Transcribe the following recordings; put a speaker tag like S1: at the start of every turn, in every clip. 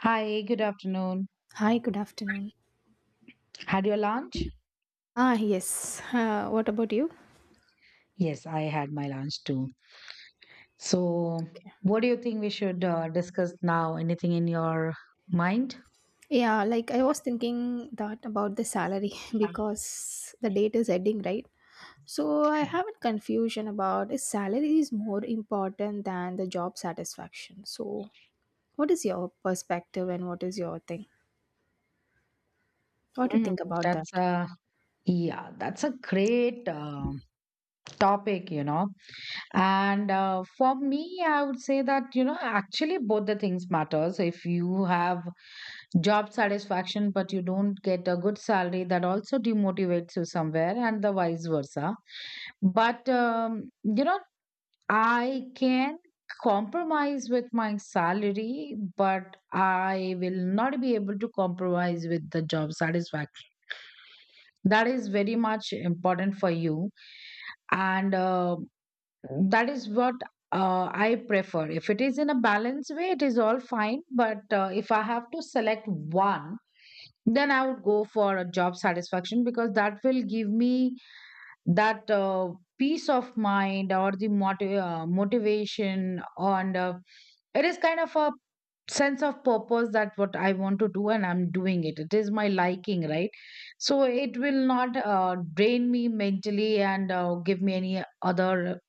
S1: Hi, good afternoon.
S2: Hi, good afternoon.
S1: Had your lunch?
S2: Ah, yes. What about you?
S1: Yes, I had my lunch too. So,
S2: Okay.
S1: what do you think we should discuss now? Anything in your mind?
S2: Yeah, like I was thinking that about the salary because the date is ending, right? So I have a confusion about is salary is more important than the job satisfaction. So what is your perspective and what is your thing? What do you
S1: Mm,
S2: think about that?
S1: that's a yeah, that's a great topic, you know. And for me, I would say that you know actually both the things matters. If you have job satisfaction but you don't get a good salary, that also demotivates you somewhere, and the vice versa. But you know, I can compromise with my salary, but I will not be able to compromise with the job satisfaction. That is very much important for you. And that is what I prefer. If it is in a balanced way, it is all fine. But if I have to select one, then I would go for a job satisfaction because that will give me that peace of mind or the motivation and it is kind of a sense of purpose that what I want to do and I'm doing it, it is my liking, right? So it will not drain me mentally and give me any other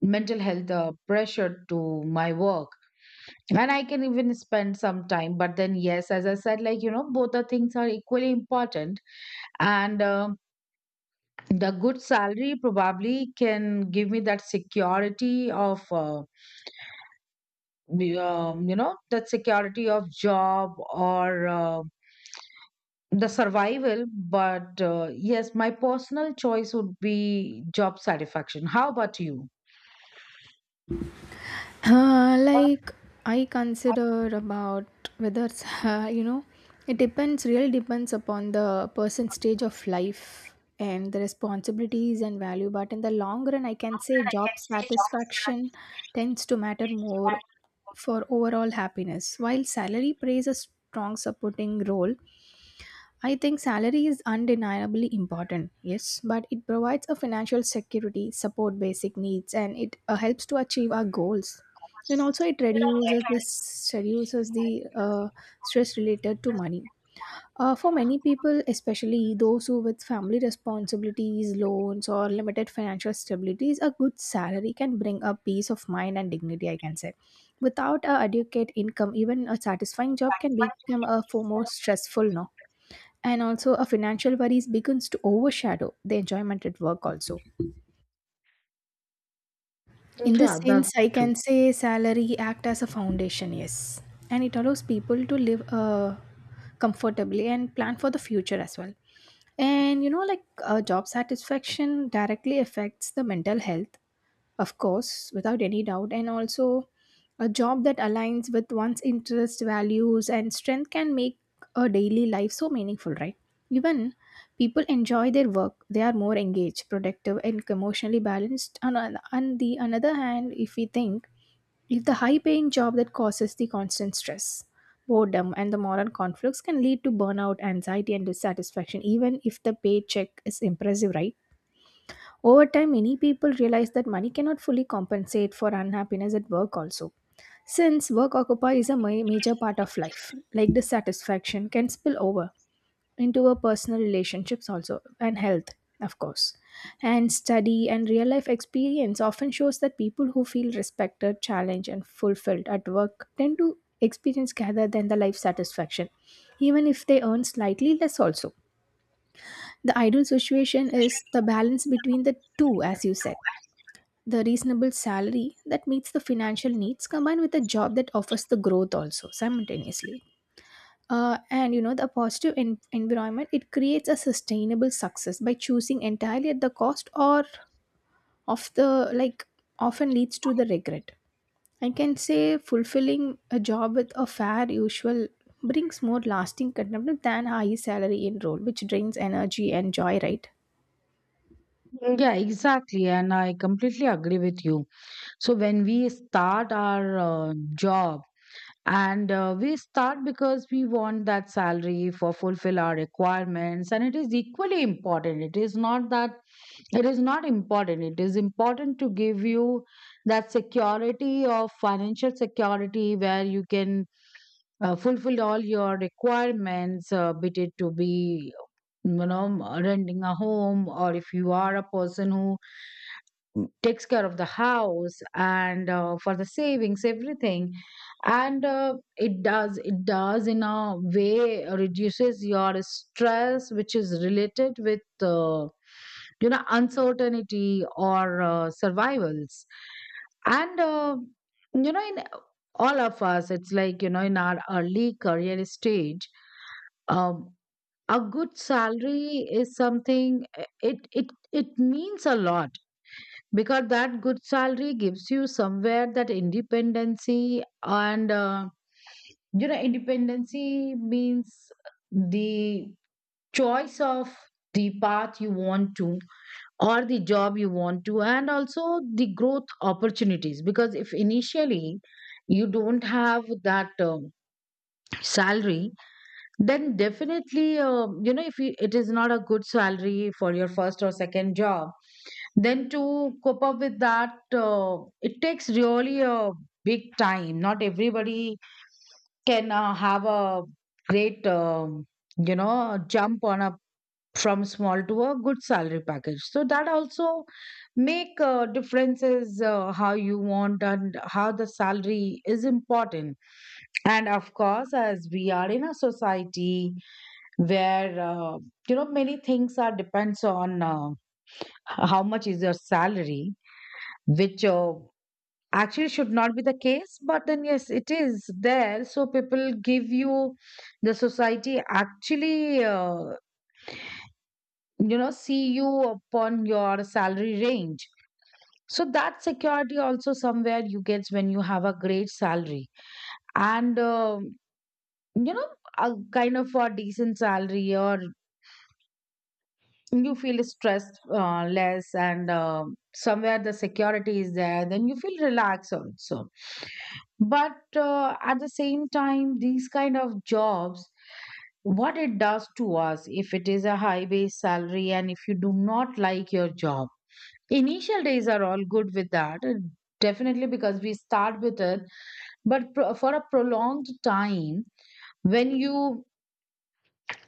S1: mental health pressure to my work, and I can even spend some time. But then yes, as I said, like you know, both the things are equally important. And the good salary probably can give me that security of you know, that security of job or the survival. But yes, my personal choice would be job satisfaction. How about you?
S2: Like I consider about whether it's, it depends, really depends upon the person's stage of life and the responsibilities and value, but in the long run I can say job satisfaction tends to matter more for overall happiness while salary plays a strong supporting role. I think salary is undeniably important, yes, but it provides a financial security, support basic needs, and it helps to achieve our goals. And also, it reduces this reduces the stress related to money. For many people, especially those who with family responsibilities, loans, or limited financial stabilities, a good salary can bring a peace of mind and dignity. I can say, without a adequate income, even a satisfying job can become a for more stressful. No, and also a financial worries begins to overshadow the enjoyment at work also. In this
S1: Yeah,
S2: sense
S1: that's
S2: I
S1: true.
S2: can say salary act as a foundation, yes, and it allows people to live comfortably and plan for the future as well. And you know like job satisfaction directly affects the mental health, of course, without any doubt, and also a job that aligns with one's interests, values, and strength can make a daily life so meaningful, right? Even people enjoy their work, they are more engaged, productive, and emotionally balanced. On the another hand, if we think, if the high paying job that causes the constant stress, boredom, and the moral conflicts can lead to burnout, anxiety, and dissatisfaction, even if the paycheck is impressive, right? Over time, many people realize that money cannot fully compensate for unhappiness at work, also. Since work occupies a major part of life, like dissatisfaction can spill over into our personal relationships, also, and health, of course. And study and real life experience often shows that people who feel respected, challenged, and fulfilled at work tend to experience rather than the life satisfaction, even if they earn slightly less, also. The ideal situation is the balance between the two, as you said, the reasonable salary that meets the financial needs combined with a job that offers the growth also simultaneously. And you know the positive environment, it creates a sustainable success. By choosing entirely at the cost or of the like often leads to the regret, I can say. Fulfilling a job with a fair usual brings more lasting contentment than high salary in role which drains energy and joy, right?
S1: Yeah, exactly, and I completely agree with you. So when we start our job, and we start because we want that salary for fulfill our requirements, and it is equally important. It is not that it is not important. It is important to give you that security of financial security where you can fulfill all your requirements, be it to be, you know, renting a home, or if you are a person who takes care of the house and for the savings, everything. And it does in a way reduces your stress, which is related with you know, uncertainty or survivals. And you know, in all of us, it's like you know, in our early career stage, um, a good salary is something, it it it means a lot, because that good salary gives you somewhere that independency. And you know, independency means the choice of the path you want to, or the job you want to, and also the growth opportunities. Because if initially you don't have that salary, then definitely you know, if you, it is not a good salary for your first or second job, then to cope up with that, it takes really a big time. Not everybody can have a great you know, jump on a from small to a good salary package, so that also make differences, how you want and how the salary is important. And of course, as we are in a society where you know, many things are depends on how much is your salary, which actually should not be the case, but then yes, it is there. So people give you, the society actually, you know, see you upon your salary range. So that security also somewhere you get when you have a great salary. And you know, a kind of a decent salary, or you feel stressed less, and somewhere the security is there, then you feel relaxed also. But at the same time, these kind of jobs, what it does to us, if it is a high base salary and if you do not like your job, initial days are all good with that, definitely, because we start with it. But for a prolonged time, when you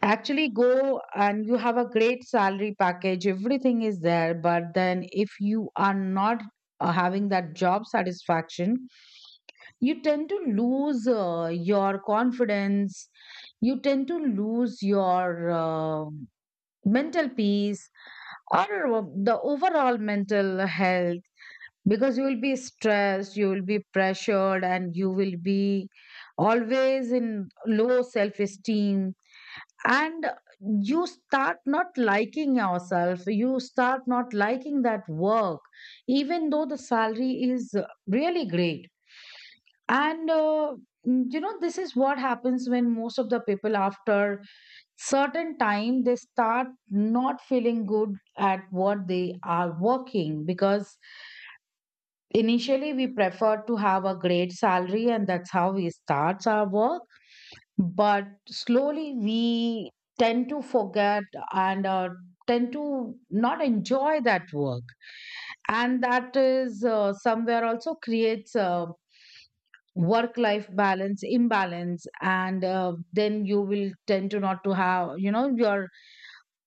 S1: actually go and you have a great salary package, everything is there. But then, if you are not having that job satisfaction, you tend to lose your confidence, you tend to lose your mental peace, or the overall mental health, because you will be stressed, you will be pressured, and you will be always in low self esteem. And you start not liking yourself, you start not liking that work, even though the salary is really great. And you know, this is what happens when most of the people after certain time, they start not feeling good at what they are working, because initially we prefer to have a great salary, and that's how we start our work. But slowly we tend to forget, and tend to not enjoy that work. And that is somewhere also creates a work life balance imbalance. And then you will tend to not to have, you know, your,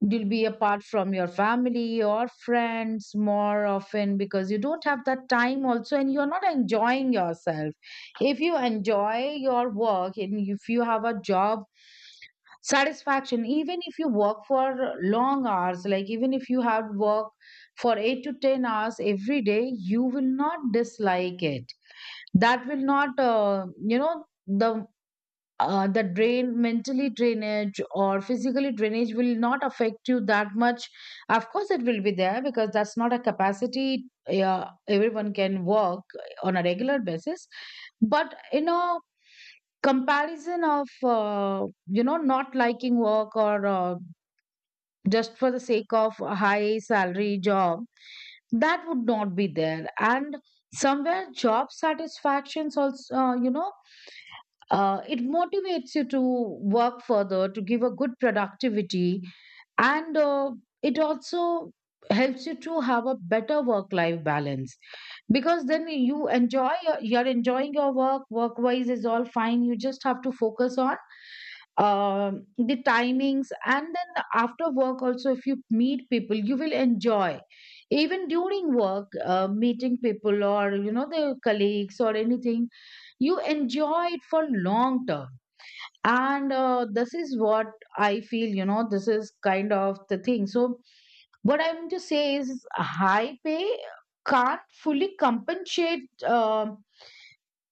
S1: you'll be apart from your family or friends more often, because you don't have that time also, and you're not enjoying yourself. If you enjoy your work, and if you have a job satisfaction, even if you work for long hours, like even if you have work for 8 to 10 hours every day, you will not dislike it. That will not you know, the drain, mentally drainage or physically drainage, will not affect you that much. Of course it will be there, because that's not a capacity, yeah, everyone can work on a regular basis. But you know, comparison of you know, not liking work, or just for the sake of a high salary job, that would not be there. And somewhere job satisfactions also, you know, it motivates you to work further to give a good productivity. And it also helps you to have a better work life balance, because then you enjoy you're enjoying your work, work wise is all fine, you just have to focus on the timings. And then after work also, if you meet people, you will enjoy. Even during work, meeting people, or you know, the colleagues or anything, you enjoy it for long term. And this is what I feel, you know, this is kind of the thing. So what I'm to say is, high pay can't fully compensate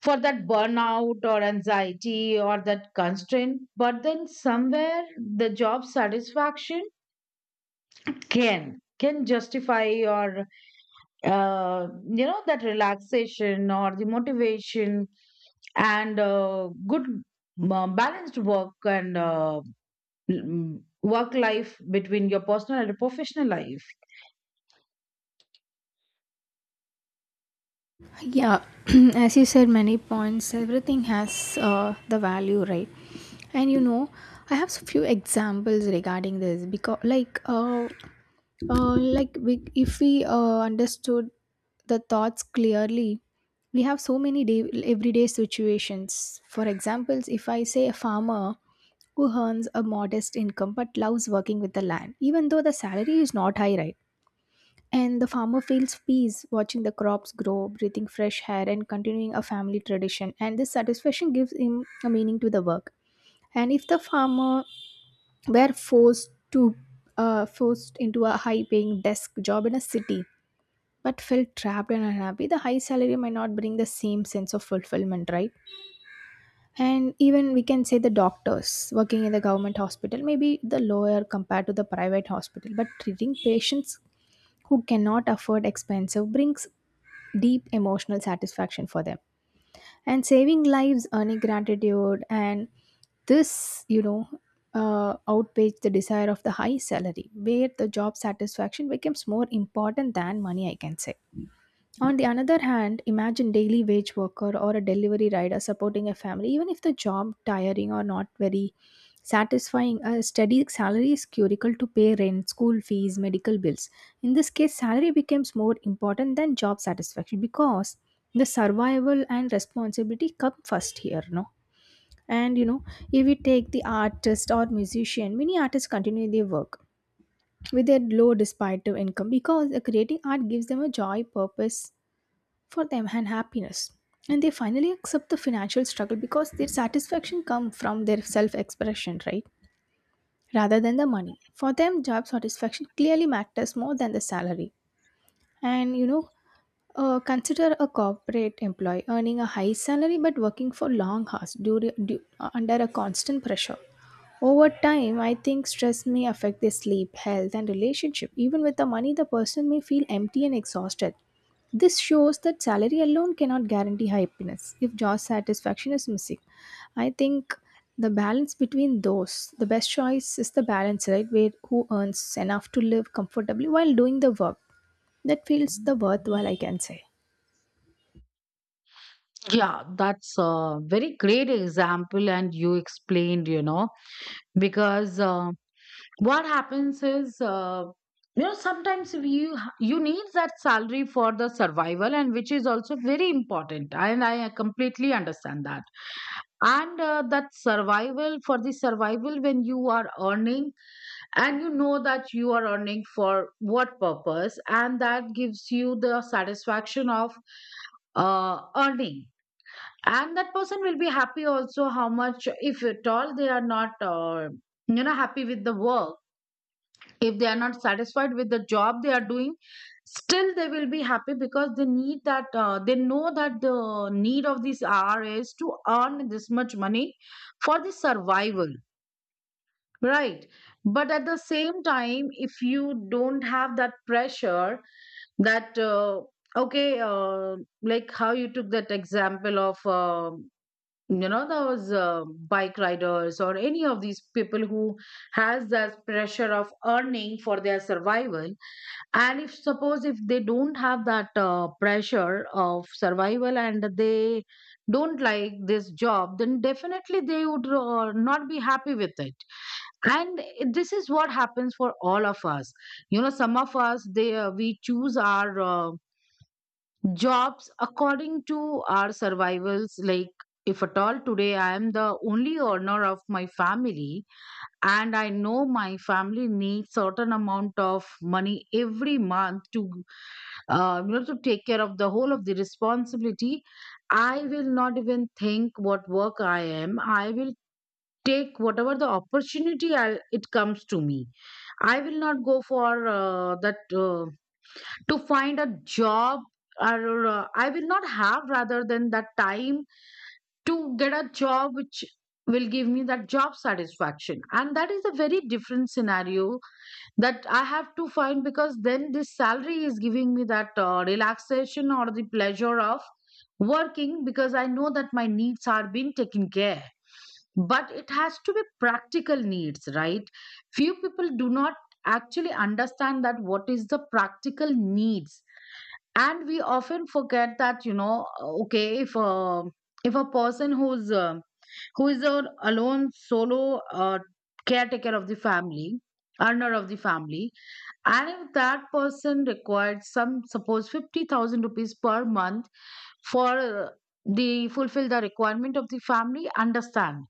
S1: for that burnout or anxiety or that constraint. But then somewhere the job satisfaction can justify your uh, you know, that relaxation or the motivation, and good balanced work, and work life between your personal and professional life.
S2: Yeah. As you said, many points, everything has the value, right? And you know, I have so few examples regarding this because like we, if we understood the thoughts clearly, we have so many everyday situations. For examples, if I say a farmer who earns a modest income but loves working with the land even though the salary is not high, right? And the farmer feels peace watching the crops grow, breathing fresh air, and continuing a family tradition, and this satisfaction gives him a meaning to the work. And if the farmer were forced to forced into a high paying desk job in a city but felt trapped and unhappy, the high salary might not bring the same sense of fulfillment, right? And even we can say the doctors working in the government hospital may be the lower compared to the private hospital, but treating patients who cannot afford expensive brings deep emotional satisfaction for them, and saving lives, earning gratitude, and this, you know, outweighs the desire of the high salary, where the job satisfaction becomes more important than money, I can say. On the another hand, imagine daily wage worker or a delivery rider supporting a family, even if the job tiring or not very satisfying. A steady salary is critical to pay rent, school fees, medical bills. In this case, salary becomes more important than job satisfaction because the survival and responsibility come first here, no? And you know, if we take the artist or musician, many artists continue their work with their low despite of income because creating art gives them a joy, purpose, for them and happiness. And they finally accept the financial struggle because their satisfaction comes from their self expression, right? Rather than the money. For them, job satisfaction clearly matters more than the salary. And you know, consider a corporate employee earning a high salary but working for long hours under a constant pressure. Over time, I think stress may affect their sleep, health, and relationship. Even with the money, the person may feel empty and exhausted. This shows that salary alone cannot guarantee happiness if job satisfaction is missing. I think the balance between those, the best choice is the balance, right? Where who earns enough to live comfortably while doing the work. That feels the worthwhile, I can say.
S1: Yeah, that's a very great example, and you explained, you know. Because what happens is, you know, sometimes if you you need that salary for the survival, and which is also very important, and I completely understand that. And that survival for the survival, when you are earning, and you know that you are earning for what purpose, and that gives you the satisfaction of earning. And that person will be happy also, how much if at all they are not you know, happy with the work, if they are not satisfied with the job they are doing, still they will be happy, because they need that, they know that the need of these r is to earn this much money for the survival, right? But at the same time, if you don't have that pressure, that okay uh, like how you took that example of you know, those bike riders or any of these people who has that pressure of earning for their survival, and if suppose if they don't have that pressure of survival, and they don't like this job, then definitely they would not be happy with it. And this is what happens for all of us. You know, some of us, they we choose our jobs according to our survivals. Like if at all today I am the only earner of my family, and I know my family needs certain amount of money every month to you know, to take care of the whole of the responsibility, I will not even think what work I am, I will take whatever the opportunity it comes to me. I will not go for that to find a job, or I will not have, rather than that time, to get a job which will give me that job satisfaction. And that is a very different scenario that I have to find, because then this salary is giving me that relaxation or the pleasure of working, because I know that my needs are being taken care. But it has to be practical needs, right? Few people do not actually understand that what is the practical needs. And we often forget that, you know, okay, if a person who's who is a alone Solo, caretaker of the family, earner of the family. And if that person required some, suppose, 50,000 rupees per month for the fulfill the requirement of the family, understand?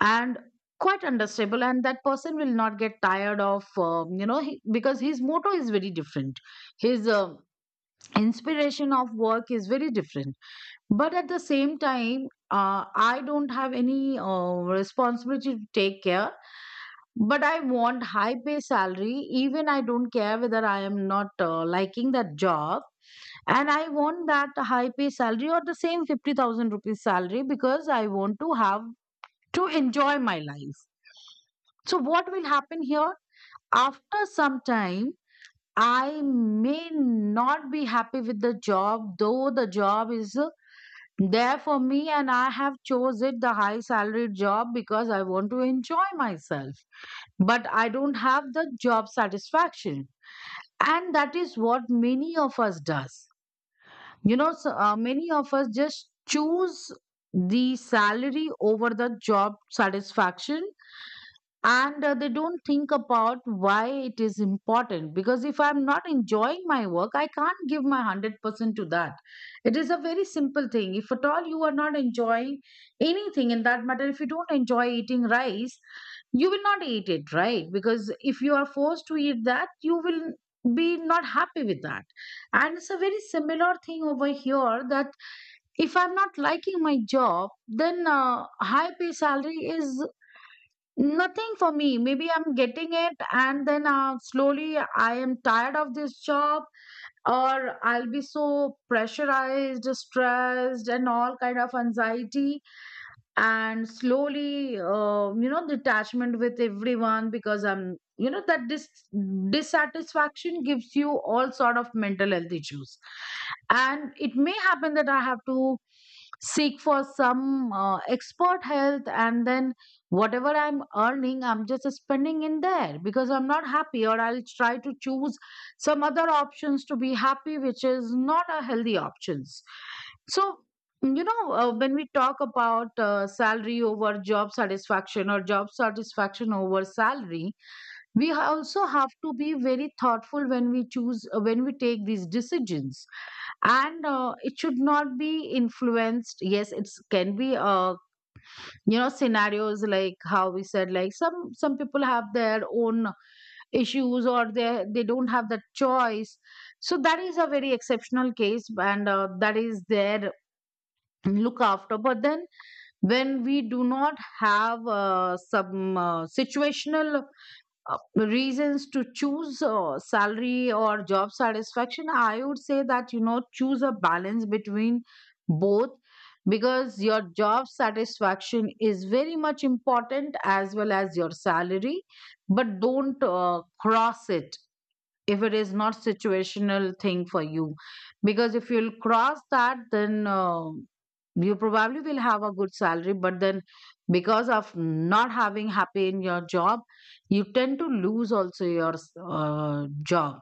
S1: And quite understandable, and that person will not get tired of because his motto is very different, his inspiration of work is very different. But at the same time, I don't have any responsibility to take care, but I want high pay salary. Even I don't care whether I am not liking that job, and I want that high pay salary or the same 50,000 rupees salary because I want to have to enjoy my life. So what will happen here? After some time, I may not be happy with the job, though the job is there for me and I have chose it, the high salary job, because I want to enjoy myself, but I don't have the job satisfaction. And that is what many of us does, you know. So many of us just choose the salary over the job satisfaction, and they don't think about why it is important, because if I'm not enjoying my work, I can't give my 100% to that. It is a very simple thing. If at all you are not enjoying anything, in that matter, if you don't enjoy eating rice, you will not eat it, right? Because if you are forced to eat that, you will be not happy with that. And it's a very similar thing over here, that if I'm not liking my job, then high pay salary is nothing for me. Maybe I'm getting it, and then slowly I am tired of this job, or I'll be so pressurized, stressed, and all kind of anxiety, and slowly detachment with everyone, because I'm, you know, that dissatisfaction gives you all sort of mental health issues. And it may happen that I have to seek for some expert health, and then whatever I'm earning I'm just spending in there because I'm not happy, or I'll try to choose some other options to be happy, which is not a healthy options. So, when we talk about salary over job satisfaction or job satisfaction over salary, we also have to be very thoughtful when we choose, when we take these decisions. And it should not be influenced. Yes, it can be, scenarios like how we said, like some people have their own issues or they don't have the choice. So that is a very exceptional case, and that is their look after. But then when we do not have some situational reasons to choose salary or job satisfaction, I would say that, you know, choose a balance between both, because your job satisfaction is very much important as well as your salary. But don't cross it if it is not situational thing for you, because if you'll cross that, then you probably will have a good salary, but then because of not having happy in your job, you tend to lose also your job.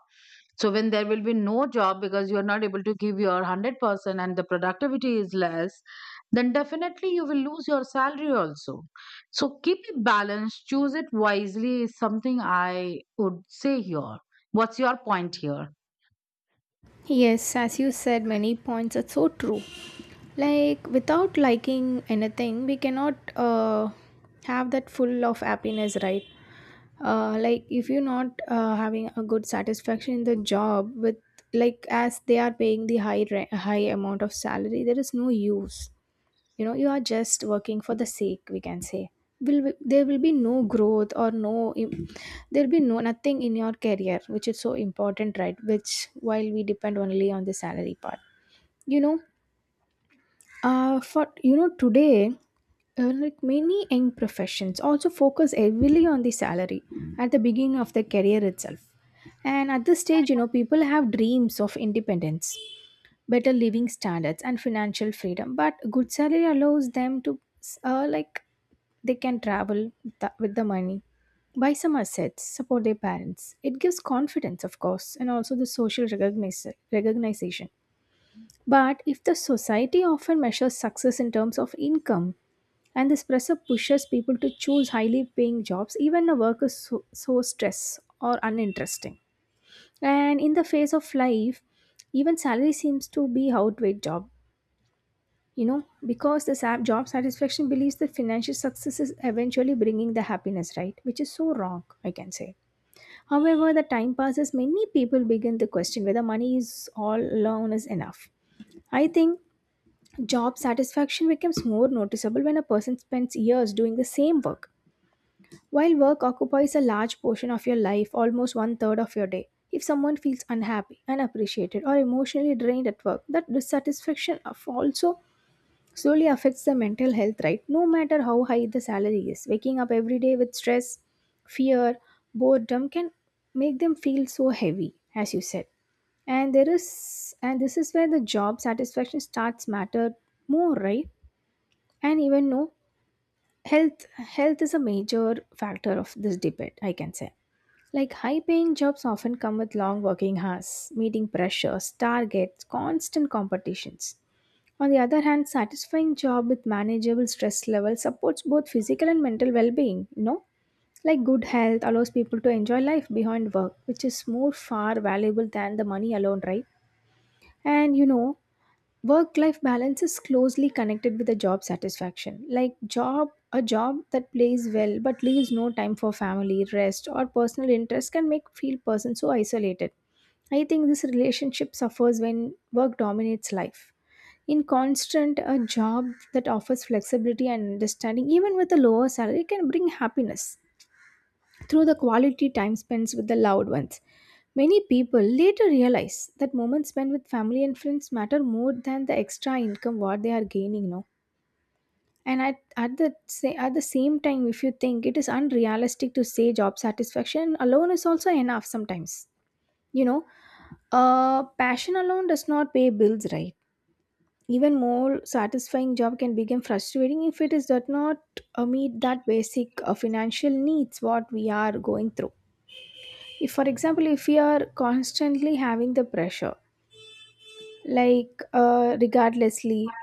S1: So when there will be no job, because you are not able to give your 100% and the productivity is less, then definitely you will lose your salary also. So keep it balanced, choose it wisely, is something I would say here. What's your point here?
S2: Yes, as you said, many points are so true. Like, without liking anything, we cannot have that full of happiness, right? Like, if you're not having a good satisfaction in the job, with like as they are paying the high amount of salary, there is no use. You know, you are just working for the sake, we can say. Will, there will be no growth or no, there'll be no nothing in your career, which is so important, right? Which while we depend only on the salary part. You know, for you know today, like many young professions also focus heavily on the salary at the beginning of the career itself. And at this stage you know people have dreams of independence, better living standards and financial freedom, but good salary allows them to, like, they can travel with the money, buy some assets, support their parents. It gives confidence, of course, and also the social recogniz recognition. But if the society often measures success in terms of income, and this pressure pushes people to choose highly paying jobs even a work is so stress or uninteresting, and in the phase of life, even salary seems to be outweighed job. You know, because the job satisfaction believes that financial success is eventually bringing the happiness, right? Which is so wrong, I can say. However the time passes, many people begin to question whether money is all alone is enough. I think job satisfaction becomes more noticeable when a person spends years doing the same work. While work occupies a large portion of your life, almost one third of your day, if someone feels unhappy, unappreciated, or emotionally drained at work, that dissatisfaction of also slowly affects the mental health, right? No matter how high the salary is, waking up every day with stress, fear, boredom can make them feel so heavy, as you said. And this is where the job satisfaction starts matter more, right? And even no, health is a major factor of this debate, I can say. Like high paying jobs often come with long working hours, meeting pressures, targets, constant competitions. On the other hand, satisfying job with manageable stress level supports both physical and mental well-being, you know? Like good health allows people to enjoy life behind work, which is more far valuable than the money alone, right? And you know, work-life balance is closely connected with the job satisfaction. Like job a job that plays well but leaves no time for family, rest, or personal interest can make feel person so isolated. I think this relationship suffers when work dominates life. In constant a job that offers flexibility and understanding, even with a lower salary, can bring happiness through the quality time spent with the loved ones. Many people later realize that moments spent with family and friends matter more than the extra income what they are gaining now. And at the same time, if you think it is unrealistic to say job satisfaction alone is also enough sometimes, you know, passion alone does not pay bills, right? Even more satisfying job can become frustrating if it is does not meet that basic financial needs what we are going through. If for example, if we are constantly having the pressure, like regardlessly,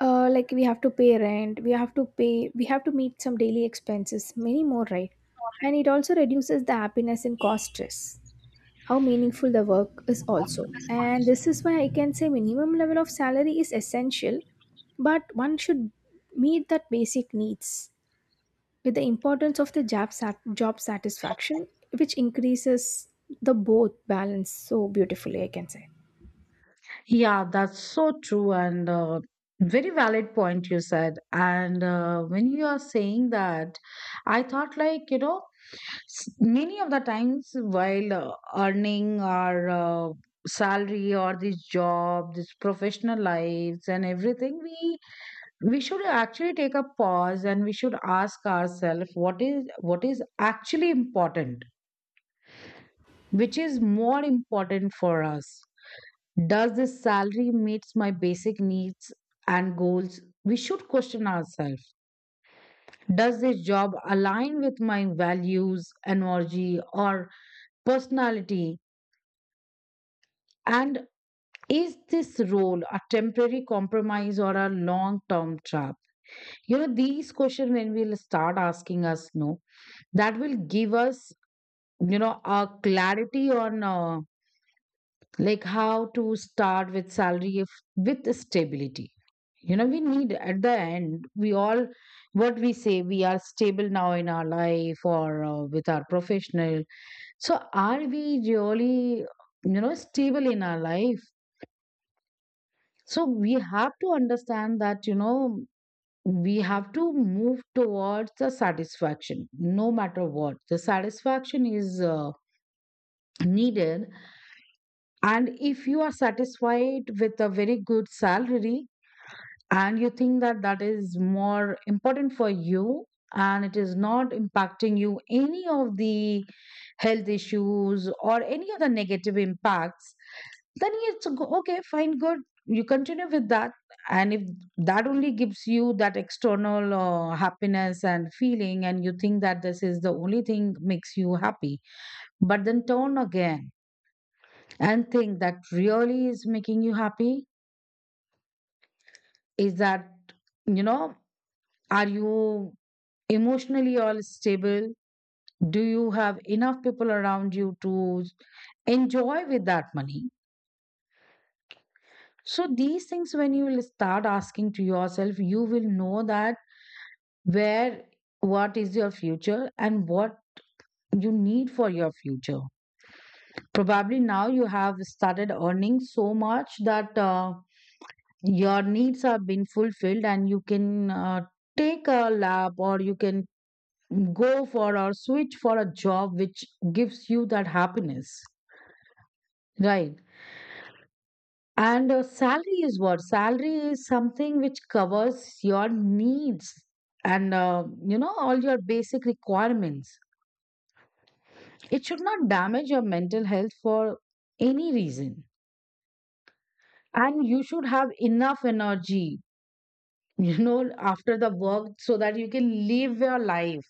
S2: like we have to pay rent, we have to meet some daily expenses, many more, right? And it also reduces the happiness and cause stress how meaningful the work is also. And this is why I can say minimum level of salary is essential, but one should meet that basic needs with the importance of the job satisfaction, which increases the both balance so beautifully, I can say.
S1: Yeah, that's so true, and very valid point you said. And when you are saying that, I thought, like, you know, many of the times while earning our salary or this job, this professional lives and everything, we should actually take a pause, and we should ask ourselves what is actually important, which is more important for us. Does this salary meets my basic needs and goals? We should question ourselves. Does this job align with my values, energy, or personality? And is this role a temporary compromise or a long term trap? You know, these questions, when we'll start asking us, no, that will give us, you know, a clarity on like how to start with salary, if, with stability. You know, we need, at the end, we all, what we say, we are stable now in our life, or with our professional. So are we really, you know, stable in our life? So we have to understand that, you know, we have to move towards the satisfaction. No matter what, the satisfaction is needed. And if you are satisfied with a very good salary, and you think that that is more important for you, and it is not impacting you any of the health issues or any of the negative impacts, then okay, fine, good, you continue with that. And if that only gives you that external happiness and feeling, and you think that this is the only thing makes you happy, but then turn again and think that really is making you happy. Is that, you know, are you emotionally all stable? Do you have enough people around you to enjoy with that money? So these things, when you will start asking to yourself, you will know that where, what is your future and what you need for your future. Probably now you have started earning so much that your needs are being fulfilled, and you can take a lap, or you can go for or switch for a job which gives you that happiness, right? And salary is something which covers your needs and you know, all your basic requirements. It should not damage your mental health for any reason, and you should have enough energy you know, after the work, so that you can live your life.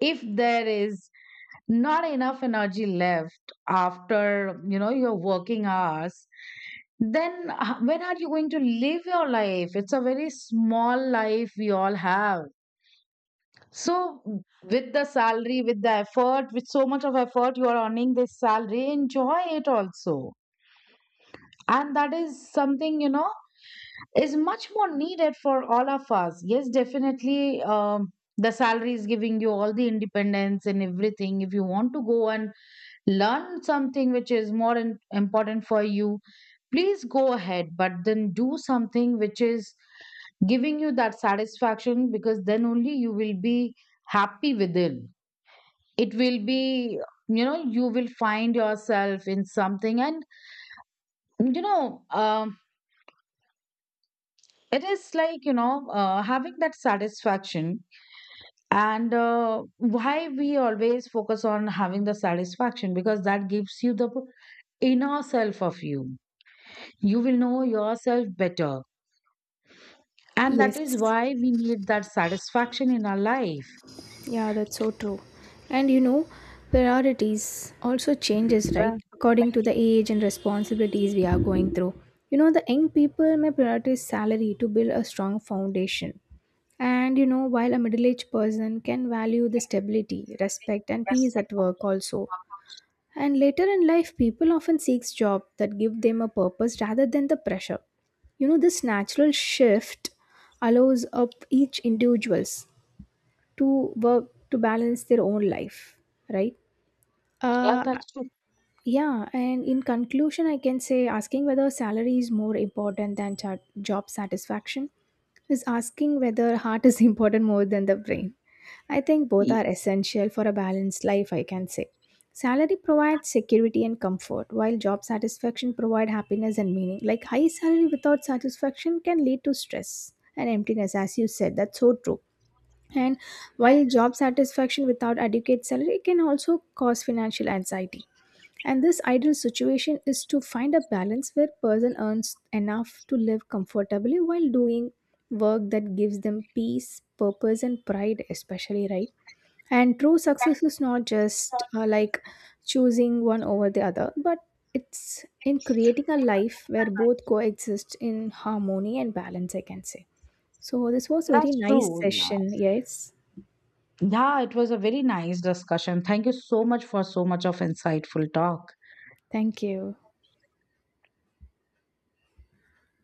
S1: If there is not enough energy left after, you know, your working hours, then when are you going to live your life? It's a very small life we all have. So with the salary, with the effort, with so much of effort you are earning this salary, enjoy it also. And that is something, you know, is much more needed for all of us. Yes, definitely, the salary is giving you all the independence and everything. If you want to go and learn something which is more important for you, please go ahead, but then do something which is giving you that satisfaction, because then only you will be happy within. It will be, you know, you will find yourself in something. And you know, it is like, you know, having that satisfaction. And why we always focus on having the satisfaction, because that gives you the inner self of you. You will know yourself better. And that
S2: Yes,
S1: is why we need that satisfaction in our life.
S2: yeah, that's so true. And you know, priorities also changes,
S1: Yeah,
S2: right? According to the age and responsibilities we are going through. You know, the young people may prioritize salary to build a strong foundation, and you know, while a middle aged person can value the stability, respect, and peace at work also. And later in life, people often seek jobs that give them a purpose rather than the pressure. You know, this natural shift allows up each individuals to work to balance their own life, right?
S1: yeah,
S2: Uh,
S1: that's true.
S2: yeah, and in conclusion, I can say asking whether salary is more important than job satisfaction is asking whether heart is important more than the brain. I think both
S1: Ye-
S2: are essential for a balanced life, I can say. Salary provides security and comfort, while job satisfaction provides happiness and meaning. Like high salary without satisfaction can lead to stress and emptiness, as you said. That's so true. And while job satisfaction without adequate salary can also cause financial anxiety. And this ideal situation is to find a balance where person earns enough to live comfortably while doing work that gives them peace, purpose and pride especially, right? And true success is not just like choosing one over the other, but it's in creating a life where both coexist in harmony and balance, I can say. So, this was very
S1: That's
S2: nice
S1: true. Yeah.
S2: session. Yes.
S1: Yeah, it was a very nice discussion. Thank you so much for so much of insightful talk.
S2: Thank you.